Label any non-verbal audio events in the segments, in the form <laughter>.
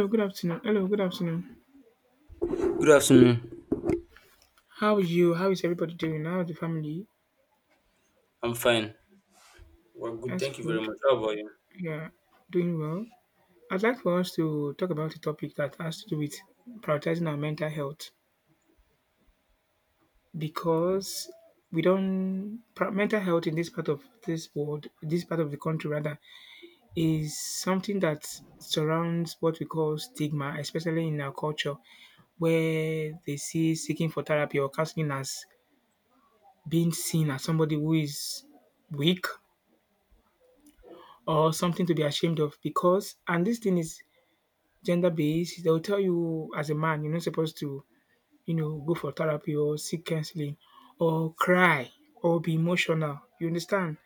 Hello, good afternoon. Hello, good afternoon. Good afternoon. How is you? How is everybody doing? How is the family? I'm fine. Well, good. That's Thank you very good. much. How about you? Yeah, doing well. I'd like for us to talk about a topic that has to do with prioritizing our mental health because we don't pri- mental health in this part of this world, this part of the country rather, is something that surrounds what we call stigma, especially in our culture, where they see seeking for therapy or counseling as being seen as somebody who is weak or something to be ashamed of because and this thing is gender based they'll tell you as a man you're not supposed to go for therapy or seek counseling or cry or be emotional, you understand.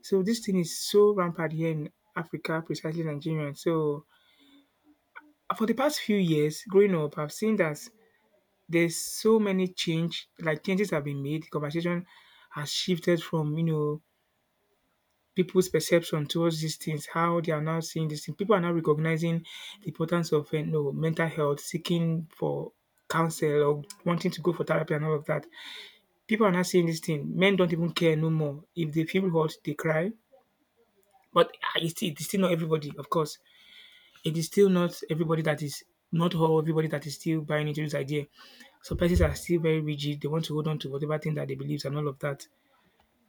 So this thing is so rampant here in Africa, precisely Nigeria. So for the past few years growing up I've seen that there's so many changes have been made. Conversation has shifted from people's perception towards these things, how they are now seeing these things. People are now recognizing the importance of mental health, seeking for counsel or wanting to go for therapy and all of that. People are now seeing this thing. Men don't even care no more. If they feel hurt, they cry. But ah, it's still not everybody, of course. It is still not everybody that is not all everybody that is still buying into this idea. So, persons are still very rigid. They want to hold on to whatever thing that they believe and all of that.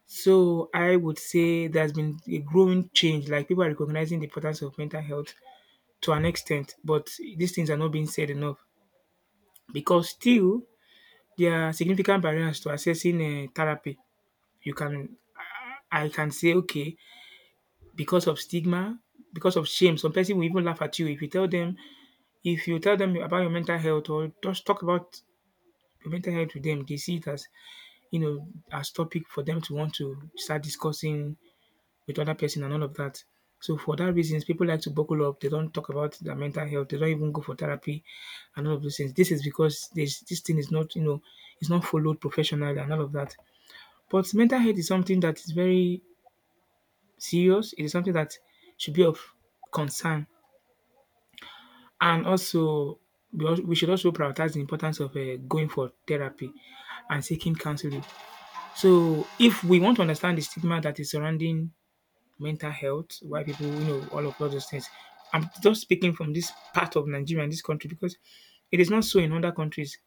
So I would say there's been a growing change. Like people are recognizing the importance of mental health to an extent, but these things are not being said enough because still there are significant barriers to accessing therapy. You can, I can say, okay, because of stigma, because of shame, some person will even laugh at you if you tell them. If you tell them about your mental health or just talk about your mental health with them, they see it as as topic for them to want to start discussing with other person and all of that. So for that reasons, people like to buckle up. They don't talk about their mental health. They don't even go for therapy and all of those things. This is because this thing is not, you know, it's not followed professionally and all of that. But mental health is something that is very serious. It is something that should be of concern. And also, we should also prioritize the importance of going for therapy and seeking counseling. So if we want to understand the stigma that is surrounding mental health, why people, you know, all of all those things. I'm just speaking from this part of Nigeria and this country because it is not so in other countries.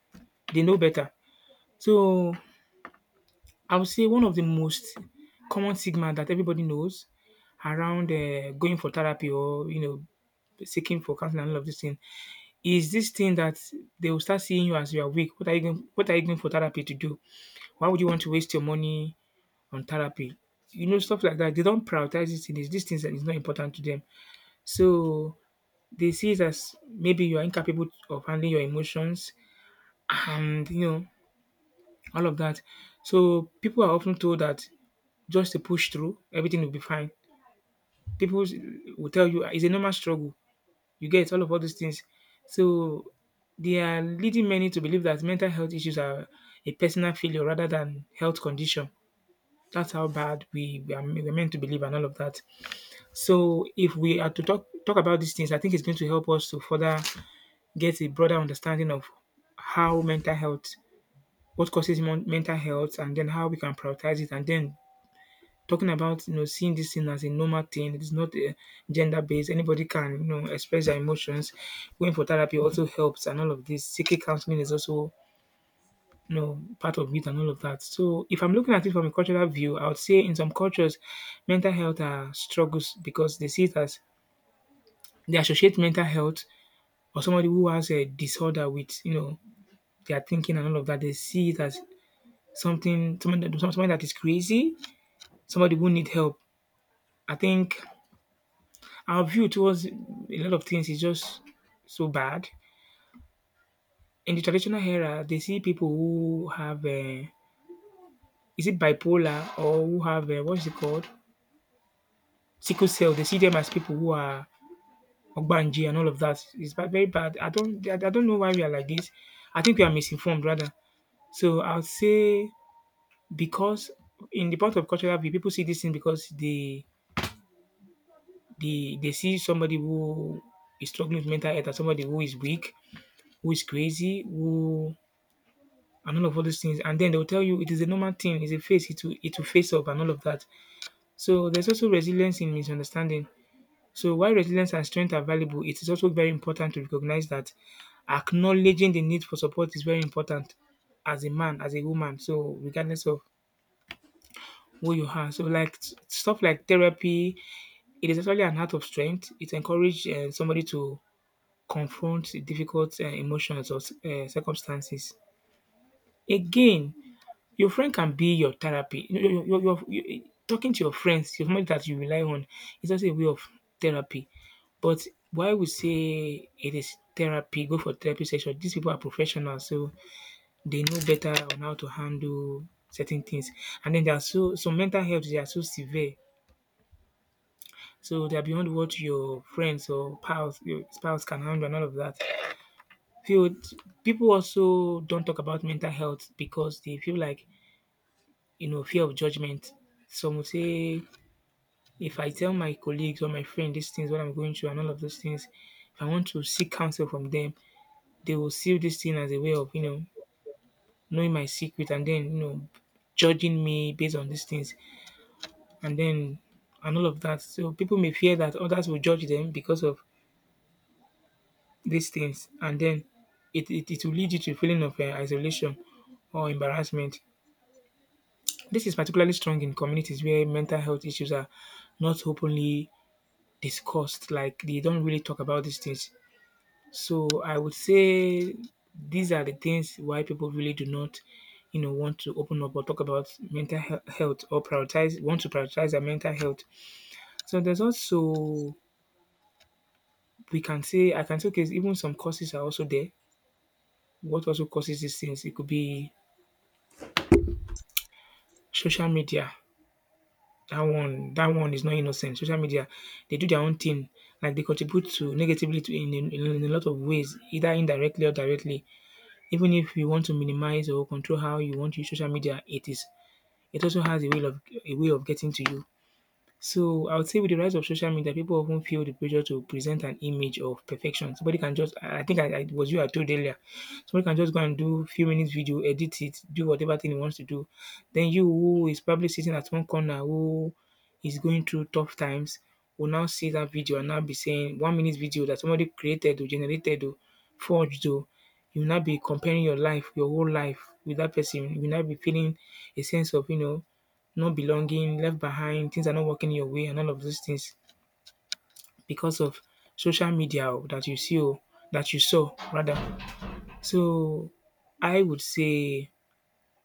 They know better. So I would say one of the most common stigma that everybody knows around going for therapy or seeking for counseling and all of this thing is this thing that they will start seeing you as you are weak. What are you going for therapy to do? Why would you want to waste your money on therapy? You know stuff like that. They don't prioritize these things. These things that is not important to them. So they see it as maybe you are incapable of handling your emotions and you know all of that. So people are often told that just to push through, everything will be fine. People s- will tell you, "Ah, it's a normal struggle. You get all of all these things." So they are leading many to believe that mental health issues are a personal failure rather than health condition. That's how bad we're meant to believe and all of that. So if we are to talk about these things, I think it's going to help us to further get a broader understanding of how mental health, what causes mental health, and then how we can prioritize it. And then talking about seeing this thing as a normal thing. It's not gender based. Anybody can express their emotions. Going for therapy also helps, and all of this. Seeking counseling is also part of it and all of that. So if I'm looking at it from a cultural view, I would say in some cultures mental health are struggles because they see it as they associate mental health or somebody who has a disorder with they are thinking and all of that. They see it as something somebody that is crazy, somebody who need help. I think our view towards a lot of things is just so bad. In the traditional era, they see people who have is it bipolar, or who have what's it called, sickle cell. They see them as people who are ogbanji and all of that. It's very bad. I don't know why we are like this. I think we are misinformed rather. So I'll say because in the part of cultural view, people see this thing because they they see somebody who is struggling with mental health as somebody who is weak, who is crazy, who and all of all those things. And then they'll tell you it is a normal thing, it's a face, it will face up and all of that. So there's also resilience in misunderstanding. So while resilience and strength are valuable, it is also very important to recognize that acknowledging the need for support is very important as a man, as a woman. So regardless of who you are, so like stuff like therapy, it is actually an act of strength. It encourages somebody to confront difficult emotions or circumstances. Again, your friend can be your therapy. Your talking to your friends, your family that you rely on is also a way of therapy. But why we say it is therapy, go for therapy session. These people are professionals, so they know better on how to handle certain things. And then there are some mental health they are so severe. So they are beyond what your friends or pals, your spouse can handle and all of that. Feel People also don't talk about mental health because they feel like fear of judgment. Some will say, if I tell my colleagues or my friend these things, what I'm going through, and all of those things, if I want to seek counsel from them, they will see this thing as a way of knowing my secret, and then judging me based on these things, and then and all of that. So people may fear that others will judge them because of these things, and then it will lead you to a feeling of isolation or embarrassment. This is particularly strong in communities where mental health issues are not openly discussed. Like they don't really talk about these things. So I would say these are the things why people really do not, you know, want to open up or talk about mental health, or prioritize want to prioritize their mental health. So there's also we can say I can say okay, even some causes are also there. What also causes these things? It could be social media. That one is not innocent. Social media, they do their own thing. Like they contribute to negatively to in a lot of ways, either indirectly or directly. Even if you want to minimize or control how you want to use social media, it is it also has a way of getting to you. So I would say with the rise of social media, people often feel the pressure to present an image of perfection. Somebody can just, I think I it was you I told earlier, somebody can just go and do few minutes video, edit it, do whatever thing he wants to do. Then you who is probably sitting at one corner, who is going through tough times, will now see that video and now be saying 1 minute video that somebody created or generated or forged or you will not be comparing your life, your whole life with that person. You will not be feeling a sense of, you know, not belonging, left behind, things are not working your way, and all of those things because of social media oh, that you see or that you saw rather. So I would say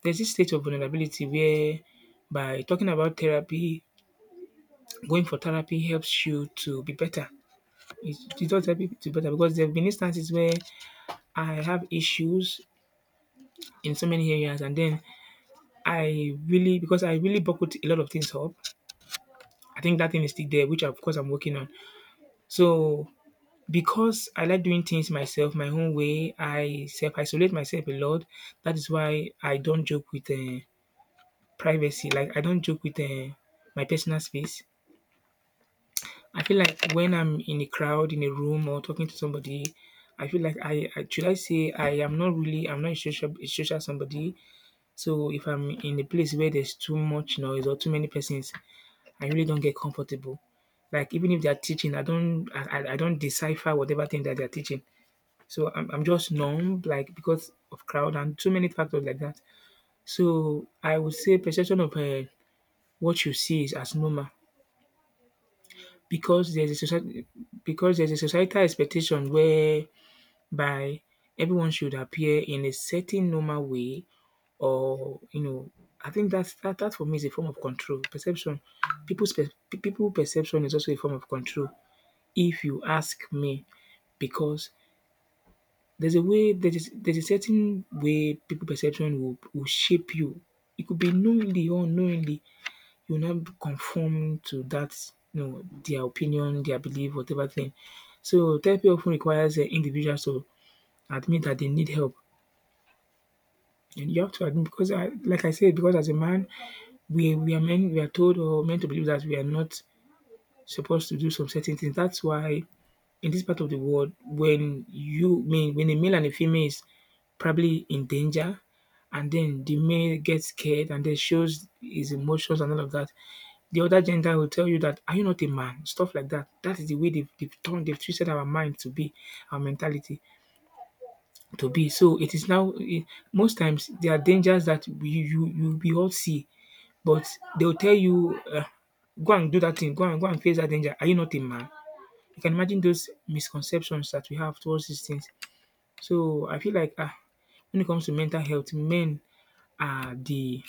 there's this state of vulnerability where by talking about therapy, going for therapy helps you to be better. It does help you to be better because there have been instances where I have issues in so many areas, and then I really buckled a lot of things up. I think that thing is still there, which of course I'm working on. So because I like doing things myself, my own way, I self-isolate myself a lot. That is why I don't joke with privacy. Like I don't joke with my personal space. I feel like when I'm in a crowd, in a room, or talking to somebody, I feel like I should I say I am not really I'm not a social somebody. So if I'm in a place where there's too much noise or too many persons, I really don't get comfortable. Like even if they are teaching, I don't decipher whatever thing that they are teaching. So I'm just numb, like, because of crowd and so many factors like that. So I would say perception of what you see is as normal, because there's a society because there's a societal expectation whereby everyone should appear in a certain normal way, or you know, I think that for me is a form of control. Perception, people perception is also a form of control. If you ask me, because there's a certain way people perception will shape you. It could be knowingly or unknowingly, you will not conform to that, you know, their opinion, their belief, whatever thing. So therapy often requires individuals to admit that they need help. And you have to admit because like I said, because as a man, we are told or meant to believe that we are not supposed to do some certain things. That's why in this part of the world, when you mean when a male and a female is probably in danger, and then the male gets scared and then shows his emotions and all of that, the other gender will tell you, that are you not a man, stuff like that. That is the way they've twisted our mind, to be our mentality to be. So it is now most times there are dangers that we you you we all see, but they'll tell you, go and do that thing, go and face that danger, are you not a man. You can imagine those misconceptions that we have towards these things. So I feel like when it comes to mental health, men are the,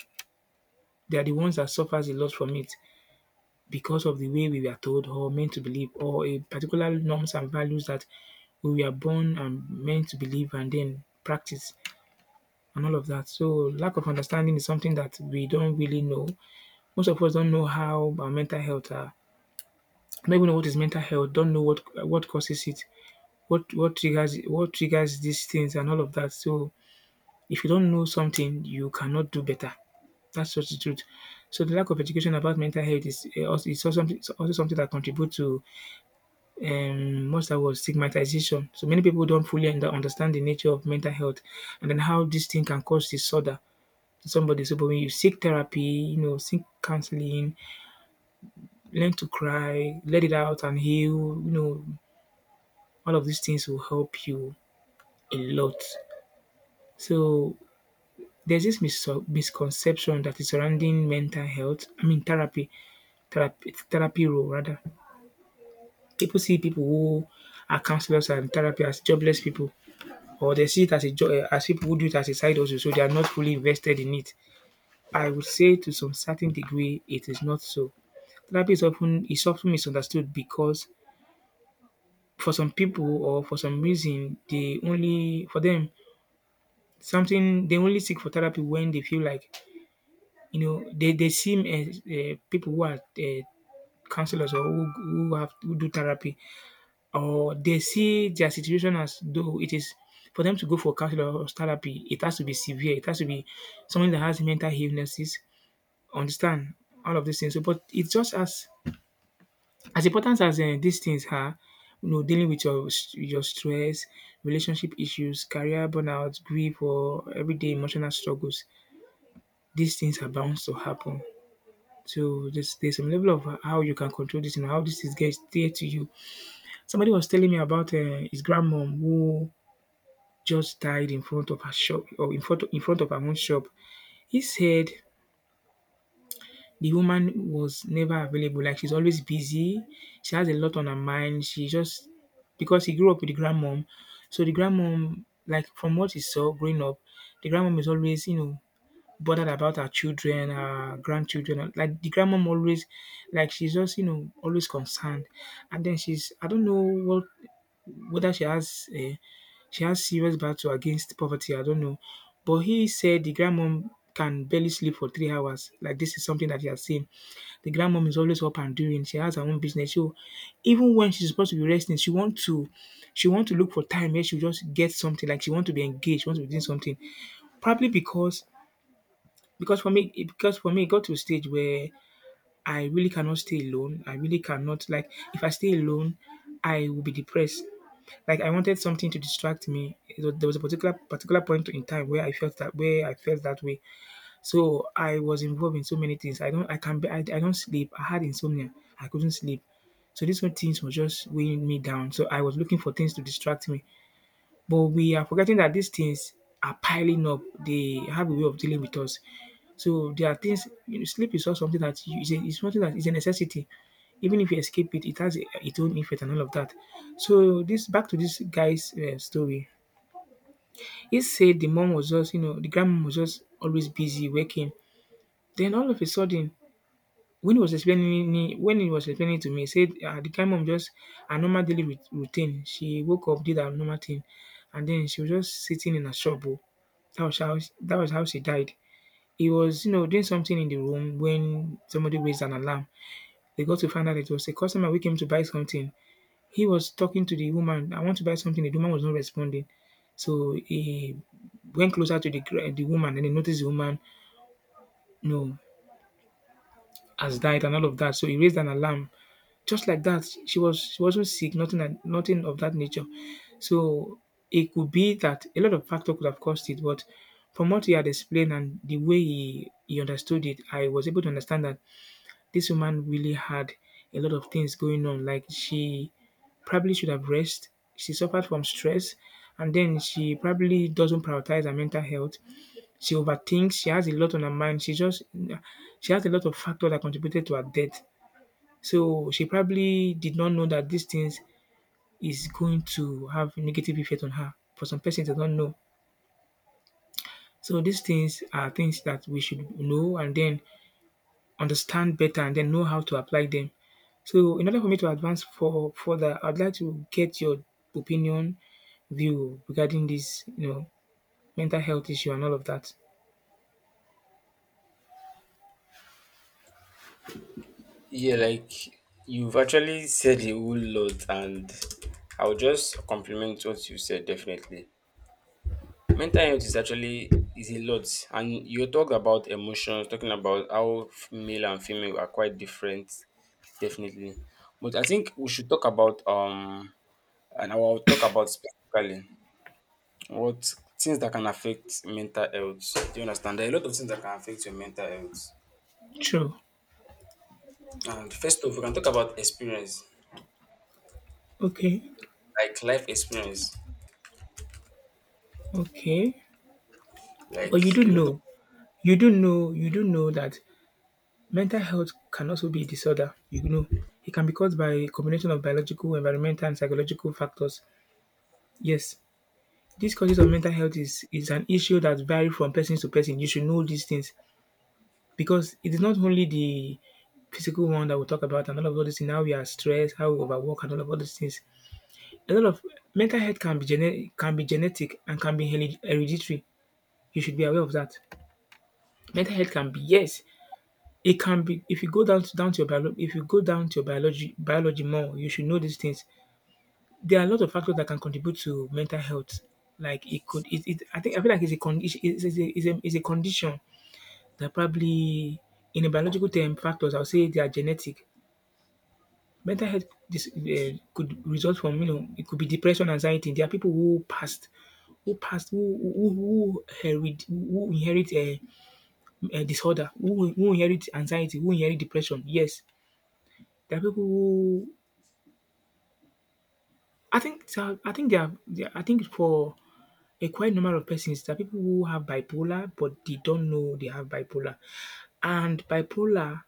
they are the ones that suffers a lot from it, because of the way we were told or meant to believe, or a particular norms and values that we were born and meant to believe and then practice, and all of that. So lack of understanding is something that we don't really know. Most of us don't know how our mental health are. Don't even know what is mental health. Don't know what causes it. What triggers these things and all of that. So if you don't know something, you cannot do better. That's just the truth. So the lack of education about mental health is also, is also something, it's also something that contributes to what's that word, stigmatization. So many people don't fully understand the nature of mental health and then how this thing can cause disorder to somebody. So but when you seek therapy, you know, seek counseling, learn to cry, let it out and heal, you know, all of these things will help you a lot. So there's this misconception that is surrounding mental health. I mean, therapy, therapy role rather. People see people who are counselors and therapy as jobless people, or they see it as a job, as people who do it as a side hustle, so they are not fully invested in it. I would say to some certain degree, it is not so. Therapy is often misunderstood because for some people or for some reason, they only seek for therapy when they feel like, you know, they see people who are counselors, or who do therapy, or they see their situation as though it is, for them to go for counselor or therapy, it has to be severe, it has to be someone that has mental illnesses, understand, all of these things. So but it's just as important as these things are, you know, dealing with your stress, relationship issues, career burnout, grief, or everyday emotional struggles. These things are bound to happen. So there's some level of how you can control this and how this is get there to you. Somebody was telling me about his grandmom who just died in front of her shop, or in front of her own shop. He said the woman was never available, like she's always busy. She has a lot on her mind. She just, because he grew up with the grandmom, so the grandmom, like from what he saw growing up, the grandmom is always, you know, bothered about her children, her grandchildren. Like the grandmom always, like she's just, you know, always concerned, and then she's, I don't know what, whether she has serious battle against poverty, I don't know. But he said the grandmom can barely sleep for 3 hours. Like this is something that he has seen. The grandmom is always up and doing. She has her own business. So even when she's supposed to be resting, she want to look for time where she just get something. Like she want to be engaged, she want to be doing something. Probably because because for me it got to a stage where I really cannot stay alone. I really cannot, like if I stay alone, I will be depressed. Like I wanted something to distract me. There was a particular point in time where I felt that where I felt that way. So I was involved in so many things. I don't sleep. I had insomnia. I couldn't sleep. So these were things were just weighing me down. So I was looking for things to distract me. But we are forgetting that these things are piling up. They have a way of dealing with us. So there are things. You know, sleep is not something that it's something that is a necessity. Even if you escape it, it has its own effect and all of that. So this, back to this guy's story. He said the mom was just, you know, the grandma was just always busy working. Then all of a sudden, when he was explaining to me, he said, ah, the kind mom just a normal daily routine. She woke up, did her normal thing, and then she was just sitting in a shop. Oh. That was how that was how she died. He was, you know, doing something in the room when somebody raised an alarm. They got to find out it was a customer who came to buy something. He was talking to the woman. I want to buy something. The woman was not responding. So he went closer to the woman, and he noticed the woman, you know, has died and all of that. So he raised an alarm. Just like that, she wasn't sick, nothing like nothing of that nature. So it could be that a lot of factor could have caused it, but from what he had explained and the way he understood it, I was able to understand that this woman really had a lot of things going on. Like she probably should have rest. She suffered from stress, and then she probably doesn't prioritize her mental health. She overthinks. She has a lot on her mind. She just, she has a lot of factors that contributed to her death. So she probably did not know that these things is going to have negative effect on her. For some persons, they don't know. So these things are things that we should know and then understand better and then know how to apply them. So in order for me to advance for further, I'd like to get your opinion, view regarding this, you know, mental health issue and all of that. Yeah, like you've actually said a whole lot, and I'll just compliment what you said definitely. Mental health is actually is a lot, and you talked about emotions, talking about how male and female are quite different, definitely. But I think we should talk about and I will talk about specifically what things that can affect mental health. Do you understand? There are a lot of things that can affect your mental health. True. And first off, we can talk about experience, Okay. like life experience, Okay. like But you do a lot of know, you do know that mental health can also be a disorder, you know. It can be caused by a combination of biological, environmental, and psychological factors. Yes, these causes of mental health is an issue that varies from person to person. You should know these things because it is not only the physical one that we talk about and all of all these things, how we are stressed, how we overwork, and all of all these things. A lot of mental health can be can be genetic and can be hereditary. You should be aware of that. Mental health can be, yes, it can be. If you go down to your biolo if you go down to your biology more, you should know these things. There are a lot of factors that can contribute to mental health. Like it could it, it I feel like it's a condition that probably, in a biological term factors, I'll say they are genetic. Mental health, this could result from, it could be depression, anxiety. There are people who inherit who inherit a disorder, who inherit anxiety, who inherit depression. Yes. There are people who, I think there are there I think, for a quite number of persons, there are people who have bipolar but they don't know they have bipolar. And bipolar,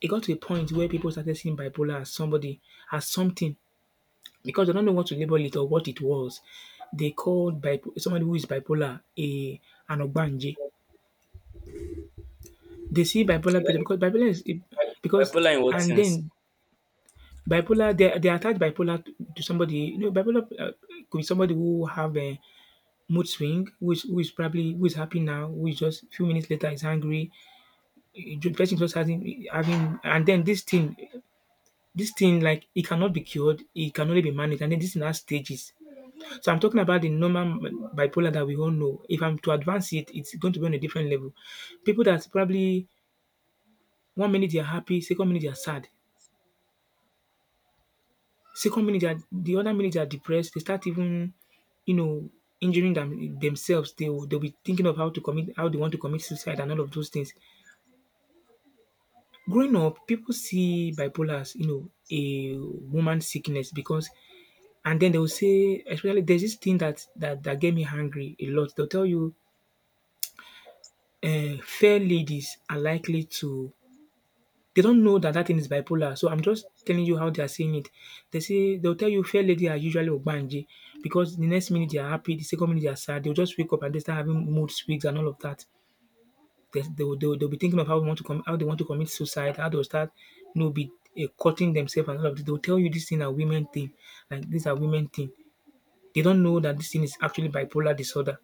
it got to a point where people started seeing bipolar as something, because they don't know what to label it or what it was. They called somebody who is bipolar a an ogbanje. They see bipolar person because bipolar like, because bipolar in what and sense? then bipolar, they attach bipolar to somebody. Bipolar, could be somebody who have a mood swing, who is happy now, who is just a few minutes later is angry. The person just and then this thing, like, it cannot be cured, it can only be managed, and then this thing has stages. So I'm talking about the normal bipolar that we all know. If I'm to advance it, it's going to be on a different level. People that probably one minute they're happy, second minute they're sad, the other minute they're depressed. They start even, you know, injuring themselves. They'll be thinking of how to commit, how they want to commit suicide, and all of those things. Growing up, people see bipolar as, a woman sickness, because, and then they will say, especially, there's this thing that get me hungry a lot. They'll tell you, fair ladies are likely to. They don't know that that thing is bipolar. So I'm just telling you how they are saying it. They'll tell you fair lady are usually ogbanje, because the next minute they are happy, the second minute they are sad. They'll just wake up and they start having mood swings and all of that. They'll be thinking of how they want to commit suicide, how they will start, you know, be cutting themselves and all of this. They'll tell you this thing are women thing, like these are women thing. They don't know that this thing is actually bipolar disorder.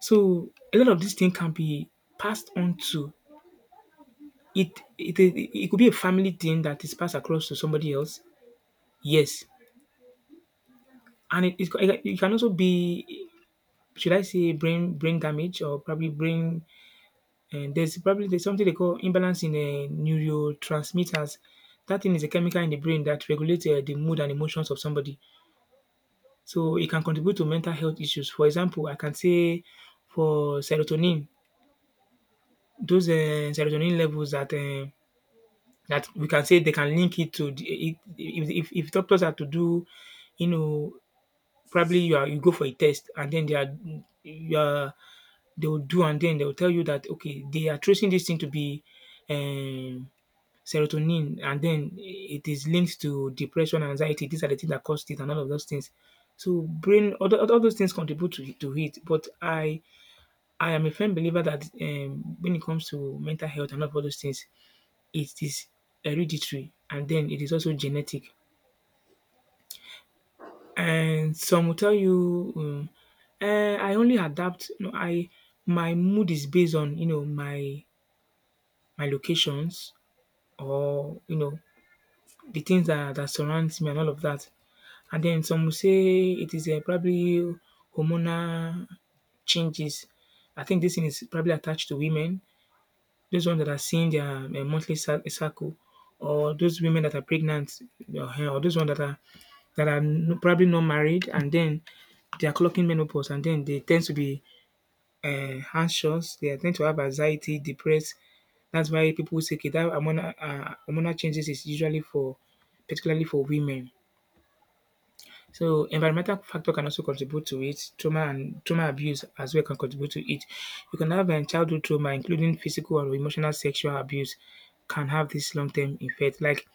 So a lot of this thing can be passed on to, it could be a family thing that is passed across to somebody else. Yes. And it can also be, should I say, brain damage, or probably brain And there's something they call imbalance in, neurotransmitters. That thing is a chemical in the brain that regulates, the mood and emotions of somebody. So it can contribute to mental health issues. For example, I can say, for serotonin, those, serotonin levels that, that we can say, they can link it to the, it, if doctors are to do, you know, probably you are, you go for a test, and then they are, you are they will do, and then they will tell you that, okay, they are tracing this thing to be, Um, serotonin, and then it is linked to depression and anxiety. These are the things that cause it and all of those things. So brain, all those things contribute to it. But I am a firm believer that, when it comes to mental health and all of those things, it is hereditary, and then it is also genetic. And some will tell you, I only adapt. You know, I My mood is based on, my locations, or, the things that surrounds me and all of that. And then some will say it is, probably hormonal changes. I think this thing is probably attached to women, those ones that are seeing their, monthly cycle, or those women that are pregnant, or, or those ones that are, that are probably not married, and then they are clocking menopause, and then they tend to be, anxious. They tend to have anxiety, depressed. That's why people say, okay, that hormonal, hormonal changes is usually for, particularly for women. So environmental factor can also contribute to it. Trauma and trauma abuse as well can contribute to it. You can have, childhood trauma, including physical or emotional sexual abuse, can have this long term effect. Like,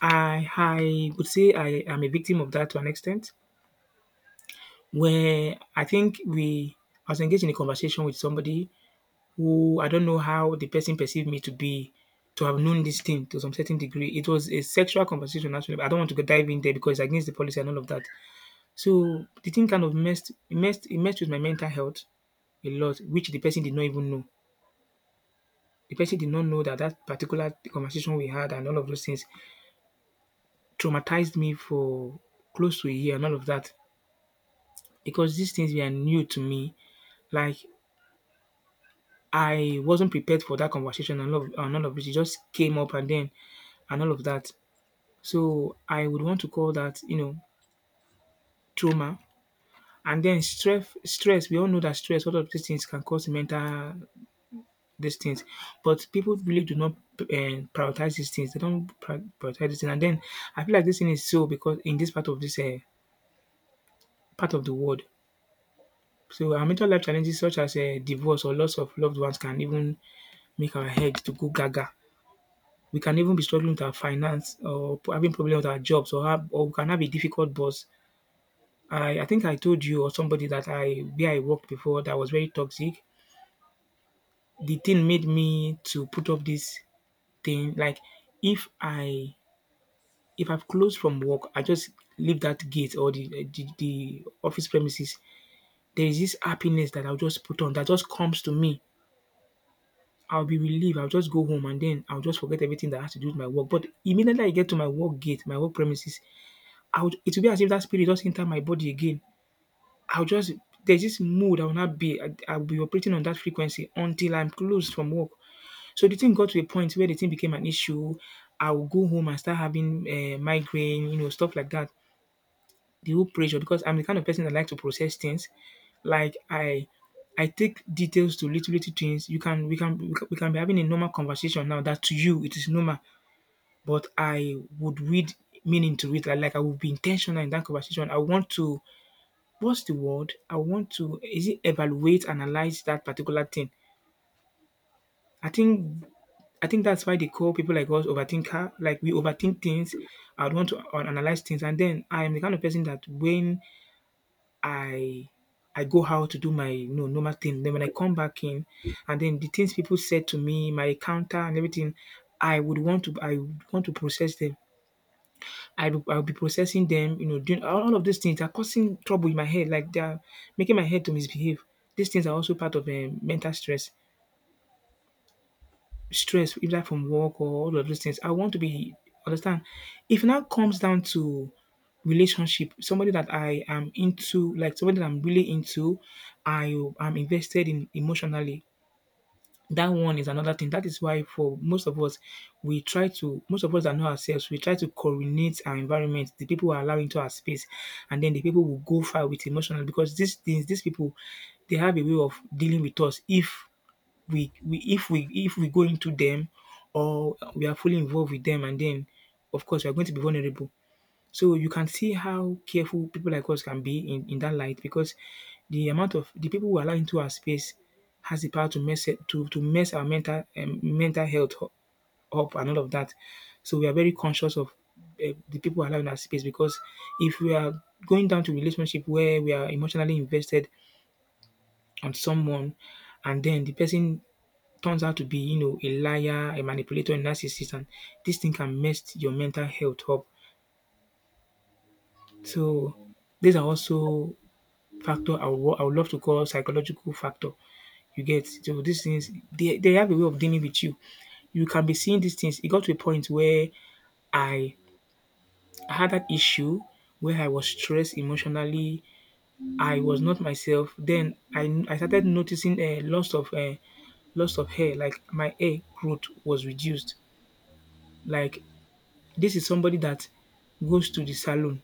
I would say I am a victim of that to an extent. Where I think I was engaged in a conversation with somebody who, I don't know how the person perceived me to be, to have known this thing to some certain degree. It was a sexual conversation, actually, but I don't want to go dive in there because it's against the policy and all of that. So the thing kind of messed with my mental health a lot, which the person did not even know. The person did not know that that particular conversation we had and all of those things traumatized me for close to a year and all of that, because these things were new to me. Like, I wasn't prepared for that conversation and and all of it. It just came up, and then and all of that. So I would want to call that, trauma. And then stress, stress. We all know that stress, all of these things, can cause mental these things. But people really do not, prioritize these things. They don't prioritize these things. And then I feel like this thing is so, because in this part of the world, so our mental life challenges, such as, divorce or loss of loved ones, can even make our heads to go gaga. We can even be struggling with our finance, or having problems with our jobs, or we can have a difficult boss. I think I told you or somebody that I where I worked before, that was very toxic. The thing made me to put up this thing like, if I if I've closed from work, I just leave that gate or the office premises. There is this happiness that I'll just put on, that just comes to me. I'll be relieved. I'll just go home, and then I'll just forget everything that has to do with my work. But immediately I get to my work gate, my work premises, I would it will be as if that spirit just enter my body again. I'll just There's this mood, I will not be, I'll be operating on that frequency until I'm closed from work. So the thing got to a point where the thing became an issue. I will go home and start having, migraine, stuff like that. The whole pressure, because I'm the kind of person that like to process things. Like, I take details to little little things. You can, we can be having a normal conversation now that to you it is normal, but I would read meaning to it. Like, I would be intentional in that conversation. I want to, what's the word? I want to, is it evaluate, analyze that particular thing. I think I think that's why they call people like us overthinker. Like, we overthink things. I would want to, analyze things, and then I am the kind of person that when I I go out to do my, normal thing. Then when I come back in, and then the things people said to me, my encounter and everything, I would want to process them. I will be processing them. Doing all of these things are causing trouble in my head. Like, they are making my head to misbehave. These things are also part of mental stress, either from work or all of those things. I want to be understand. If it now comes down to relationship, somebody that I am into, like somebody that I'm really into, I am invested in emotionally. That one is another thing. That is why for most of us, we try to most of us that know ourselves, we try to coordinate our environment, the people we are allowing into our space, and then the people will go far with emotional, because these things, these people, they have a way of dealing with us if we go into them, or we are fully involved with them, and then of course we are going to be vulnerable. So you can see how careful people like us can be in that light, because the amount of the people who allow into our space has the power to mess it, to mess our mental health up and all of that. So we are very conscious of the people allowed in our space, because if we are going down to relationship where we are emotionally invested on someone, and then the person turns out to be, you know, a liar, a manipulator, a narcissist, and this thing can mess your mental health up. So these are also factor I would love to call psychological factor. You get. So these things they have a way of dealing with you. You can be seeing these things. It got to a point where I had that issue where I was stressed emotionally. I was not myself. Then I started noticing a loss of loss of hair. Like my hair growth was reduced. Like, this is somebody that goes to the salon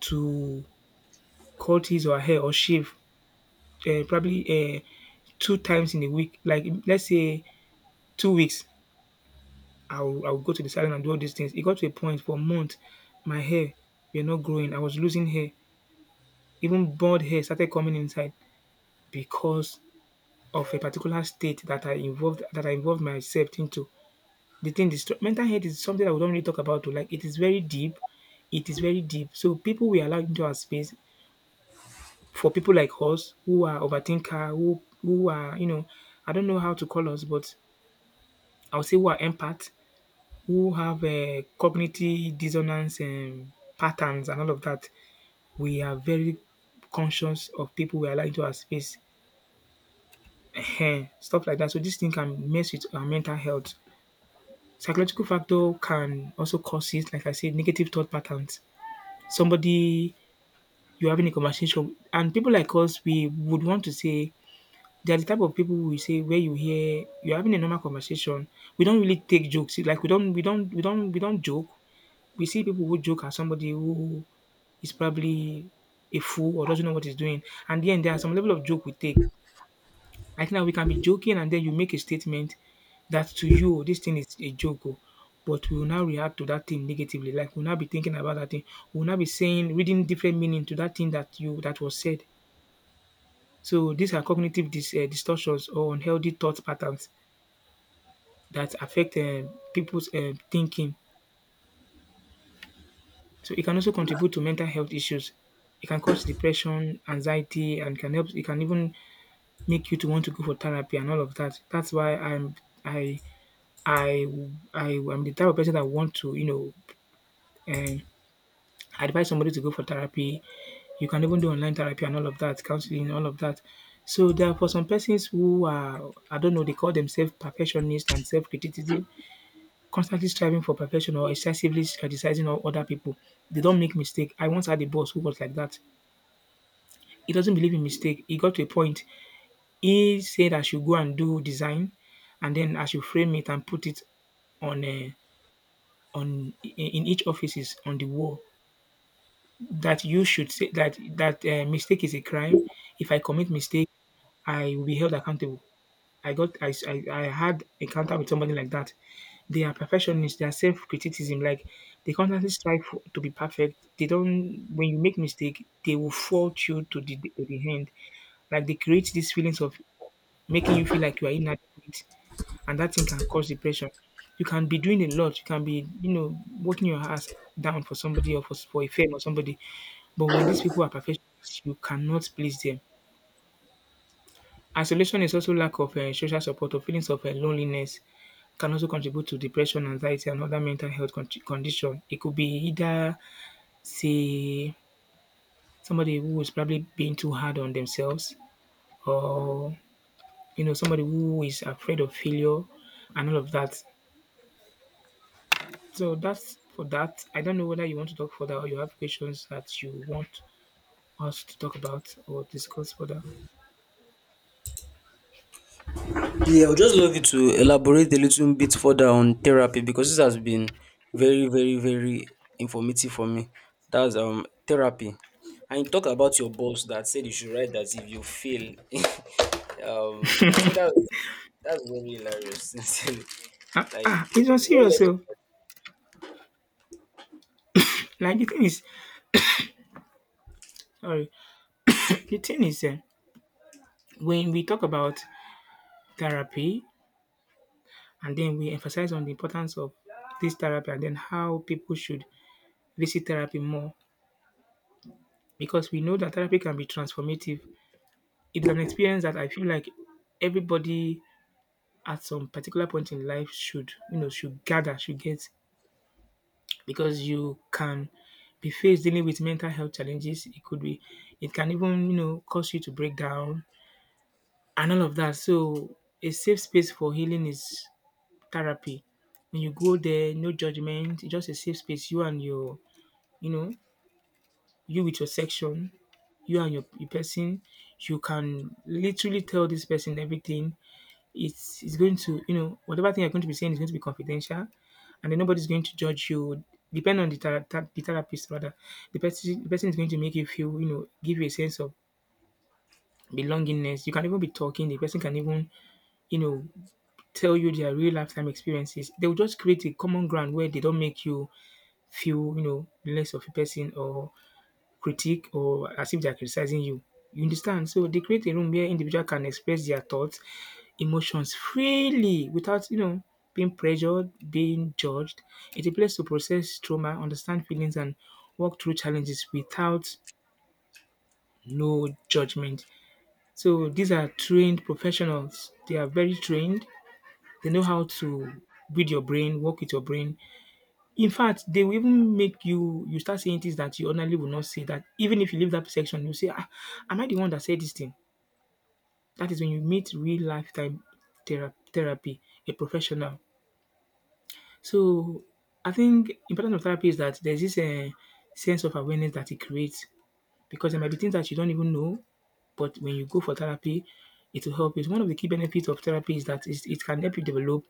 to cut his or her hair or shave, probably, um 2 times in a week. Like, let's say 2 weeks I will go to the salon and do all these things. It got to a point for months my hair were not growing. I was losing hair. Even bald hair started coming inside because of a particular state that I involved myself into. The thing is, mental health is something that we don't really talk about oh. Like, it is very deep. It is very deep. So, people we allow into our space, for people like us who are overthinker, who are I don't know how to call us, but I'll say who are empath, who have a cognitive dissonance and patterns and all of that. We are very conscious of people we allow into our space, Ehen, stuff like that. So this thing can mess with our mental health. Psychological factor can also cause it, like I said, negative thought patterns. Somebody you're having a conversation, and people like us, we would want to say, they are the type of people who will say, where you hear you're having a normal conversation, we don't really take jokes. Like, we don't joke. We see people who joke as somebody who is probably a fool or doesn't know what he's doing. And then there are some level of joke we take. Like, now we can be joking and then you make a statement that, to you, "Oh, this thing is a joke, oh." But we will now react to that thing negatively. Like, we'll now be thinking about that thing. We'll now be saying reading different meaning to that thing that you that was said. So these are cognitive distortions or unhealthy thought patterns that affect people's thinking. So it can also contribute to mental health issues. It can cause depression, anxiety, and can help. It can even make you to want to go for therapy and all of that. That's why I'm I I I am the type of person that want to know um, advise somebody to go for therapy. You can even do online therapy and all of that, counseling, all of that. So there are, for some persons who are, I don't know, they call themselves perfectionists and self criticism, constantly striving for perfection or excessively criticizing other people. They don't make mistake. I once had a boss who was like that. He doesn't believe in mistake. He got to a point. He said I should go and do design, and then I should frame it and put it on a, on in each offices on the wall, that you should say that mistake is a crime. If I commit mistake, I will be held accountable. I got I had encounter with somebody like that. They are perfectionists. They are self criticism. Like, they constantly strive for, to be perfect. They don't. When you make mistake, they will fault you to the end. Like, they create these feelings of making you feel like you are inadequate, and that thing can cause depression. You can be doing a lot. You can be, you know, working your ass down for somebody or for a fame or somebody. But when these people are perfectionists, you cannot please them. Isolation is also lack of social support, or feelings of loneliness, can also contribute to depression, anxiety and other mental health condition. It could be, either say somebody who is probably being too hard on themselves, or, you know, somebody who is afraid of failure and all of that. So that's for that. I don't know whether you want to talk further or you have questions that you want us to talk about or discuss further. Yeah, I would just love you to elaborate a little bit further on therapy because this has been very, very, very informative for me. That's therapy. And you talk about your boss that said you should write that if you fail. <laughs> I think that was, that's very hilarious, <laughs> sincerely. Ah, Like, ah, it's on serious. So, like, the thing is, sorry. The thing is, when we talk about therapy, and then we emphasize on the importance of this therapy and then how people should visit therapy more, because we know that therapy can be transformative. It is an experience that I feel like everybody at some particular point in life should, you know, should gather, should get, because you can be faced dealing with mental health challenges. It could be, it can even, you know, cause you to break down and all of that. So, a safe space for healing is therapy. When you go there, no judgment, it's just a safe space. You and your, you know, you with your section, you and your person, you can literally tell this person everything. It's going to, you know, whatever thing you're going to be saying is going to be confidential, and then nobody's going to judge you. Depend on the, the therapist rather. The person is going to make you feel, you know, give you a sense of belongingness. You can even be talking. The person can even, you know, tell you their real lifetime experiences. They will just create a common ground where they don't make you feel, you know, less of a person or critique, or as if they are criticizing you. You understand? So they create a room where individual can express their thoughts, emotions freely without, you know, being pressured, being judged. It's a place to process trauma, understand feelings, and work through challenges without no judgment. So these are trained professionals. They are very trained. They know how to read your brain, work with your brain. In fact, they will even make you start saying things that you ordinarily would not say, that even if you leave that section, you say, ah, am I the one that said this thing? That is when you meet real lifetime therapy, a professional. So, I think importance of therapy is that there's this sense of awareness that it creates, because there might be things that you don't even know, but when you go for therapy, it will help. It's one of the key benefits of therapy is that it's, it can help you develop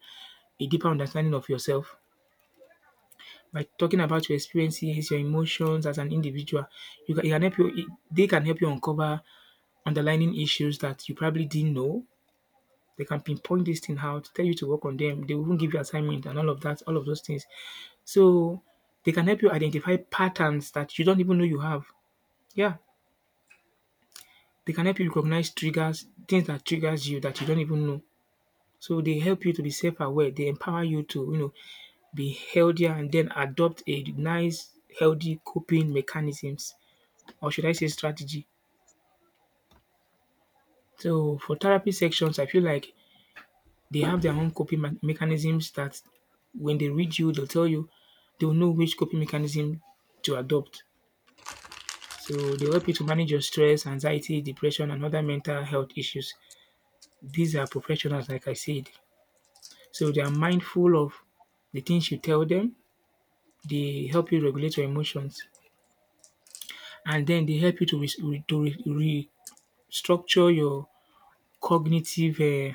a deeper understanding of yourself. By talking about your experiences, your emotions as an individual, you can, it can help you. It, they can help you uncover underlying issues that you probably didn't know. They can pinpoint this thing out, tell you to work on them. They will even give you assignment and all of that, all of those things. So they can help you identify patterns that you don't even know you have. Yeah, they can help you recognize triggers, things that triggers you that you don't even know. So they help you to be self-aware. They empower you to, you know, be healthier and then adopt a nice, healthy coping mechanisms, or should I say strategy. So for therapy sections, I feel like they have their own coping mechanisms that when they read you, they'll tell you, they'll know which coping mechanism to adopt. So they'll help you to manage your stress, anxiety, depression, and other mental health issues. These are professionals, like I said. So they are mindful of the things you tell them. They help you regulate your emotions, and then they help you to restructure your cognitive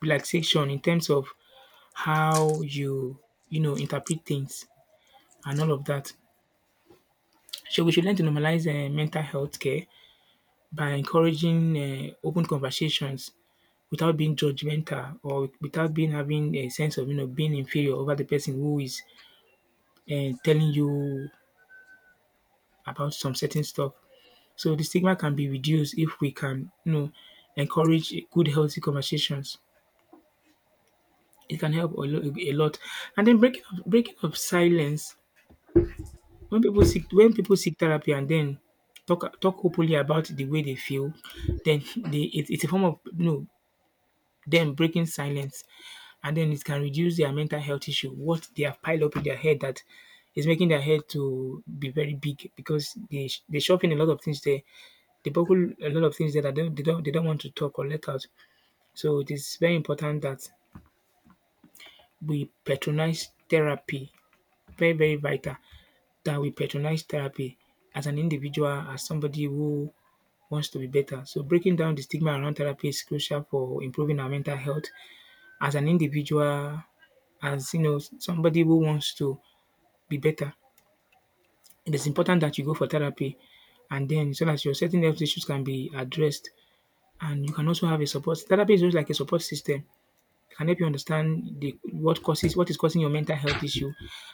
relaxation, in terms of how you, you know, interpret things and all of that. So we should learn to normalize mental health care by encouraging open conversations, without being judgmental, or without being having a sense of, you know, being inferior over the person who is telling you about some certain stuff. So the stigma can be reduced if we can, you know, encourage good healthy conversations. It can help a, a lot. And then breaking of silence. When people seek, when people seek therapy, and then talk openly about the way they feel, then they it it's a form of, you know, them breaking silence, and then it can reduce their mental health issue, what they have piled up in their head that is making their head to be very big because they shove in a lot of things there. They buckle a lot of things there that they don't want to talk or let out. So it is very important that we patronize therapy. Very, very vital that we patronize therapy as an individual, as somebody who wants to be better. So breaking down the stigma around therapy is crucial for improving our mental health as an individual, as, you know, somebody who wants to be better. It is important that you go for therapy, and then so that your certain health issues can be addressed, and you can also have a support. Therapy is just like a support system. It can help you understand the what causes, what is causing your mental health issue,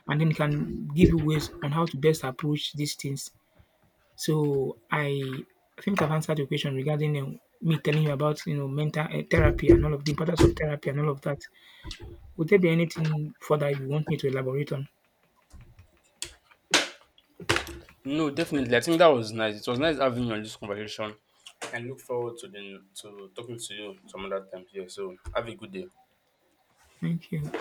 and then it can give you ways on how to best approach these things. So I think I've answered your question regarding me telling you about, you know, mental therapy and all of the importance of therapy and all of that. Would there be anything further you want me to elaborate on? no, definitely. I think that was nice. It was nice having you on this conversation. I look forward to the to talking to you some other time. Yeah. So have a good day. Thank you.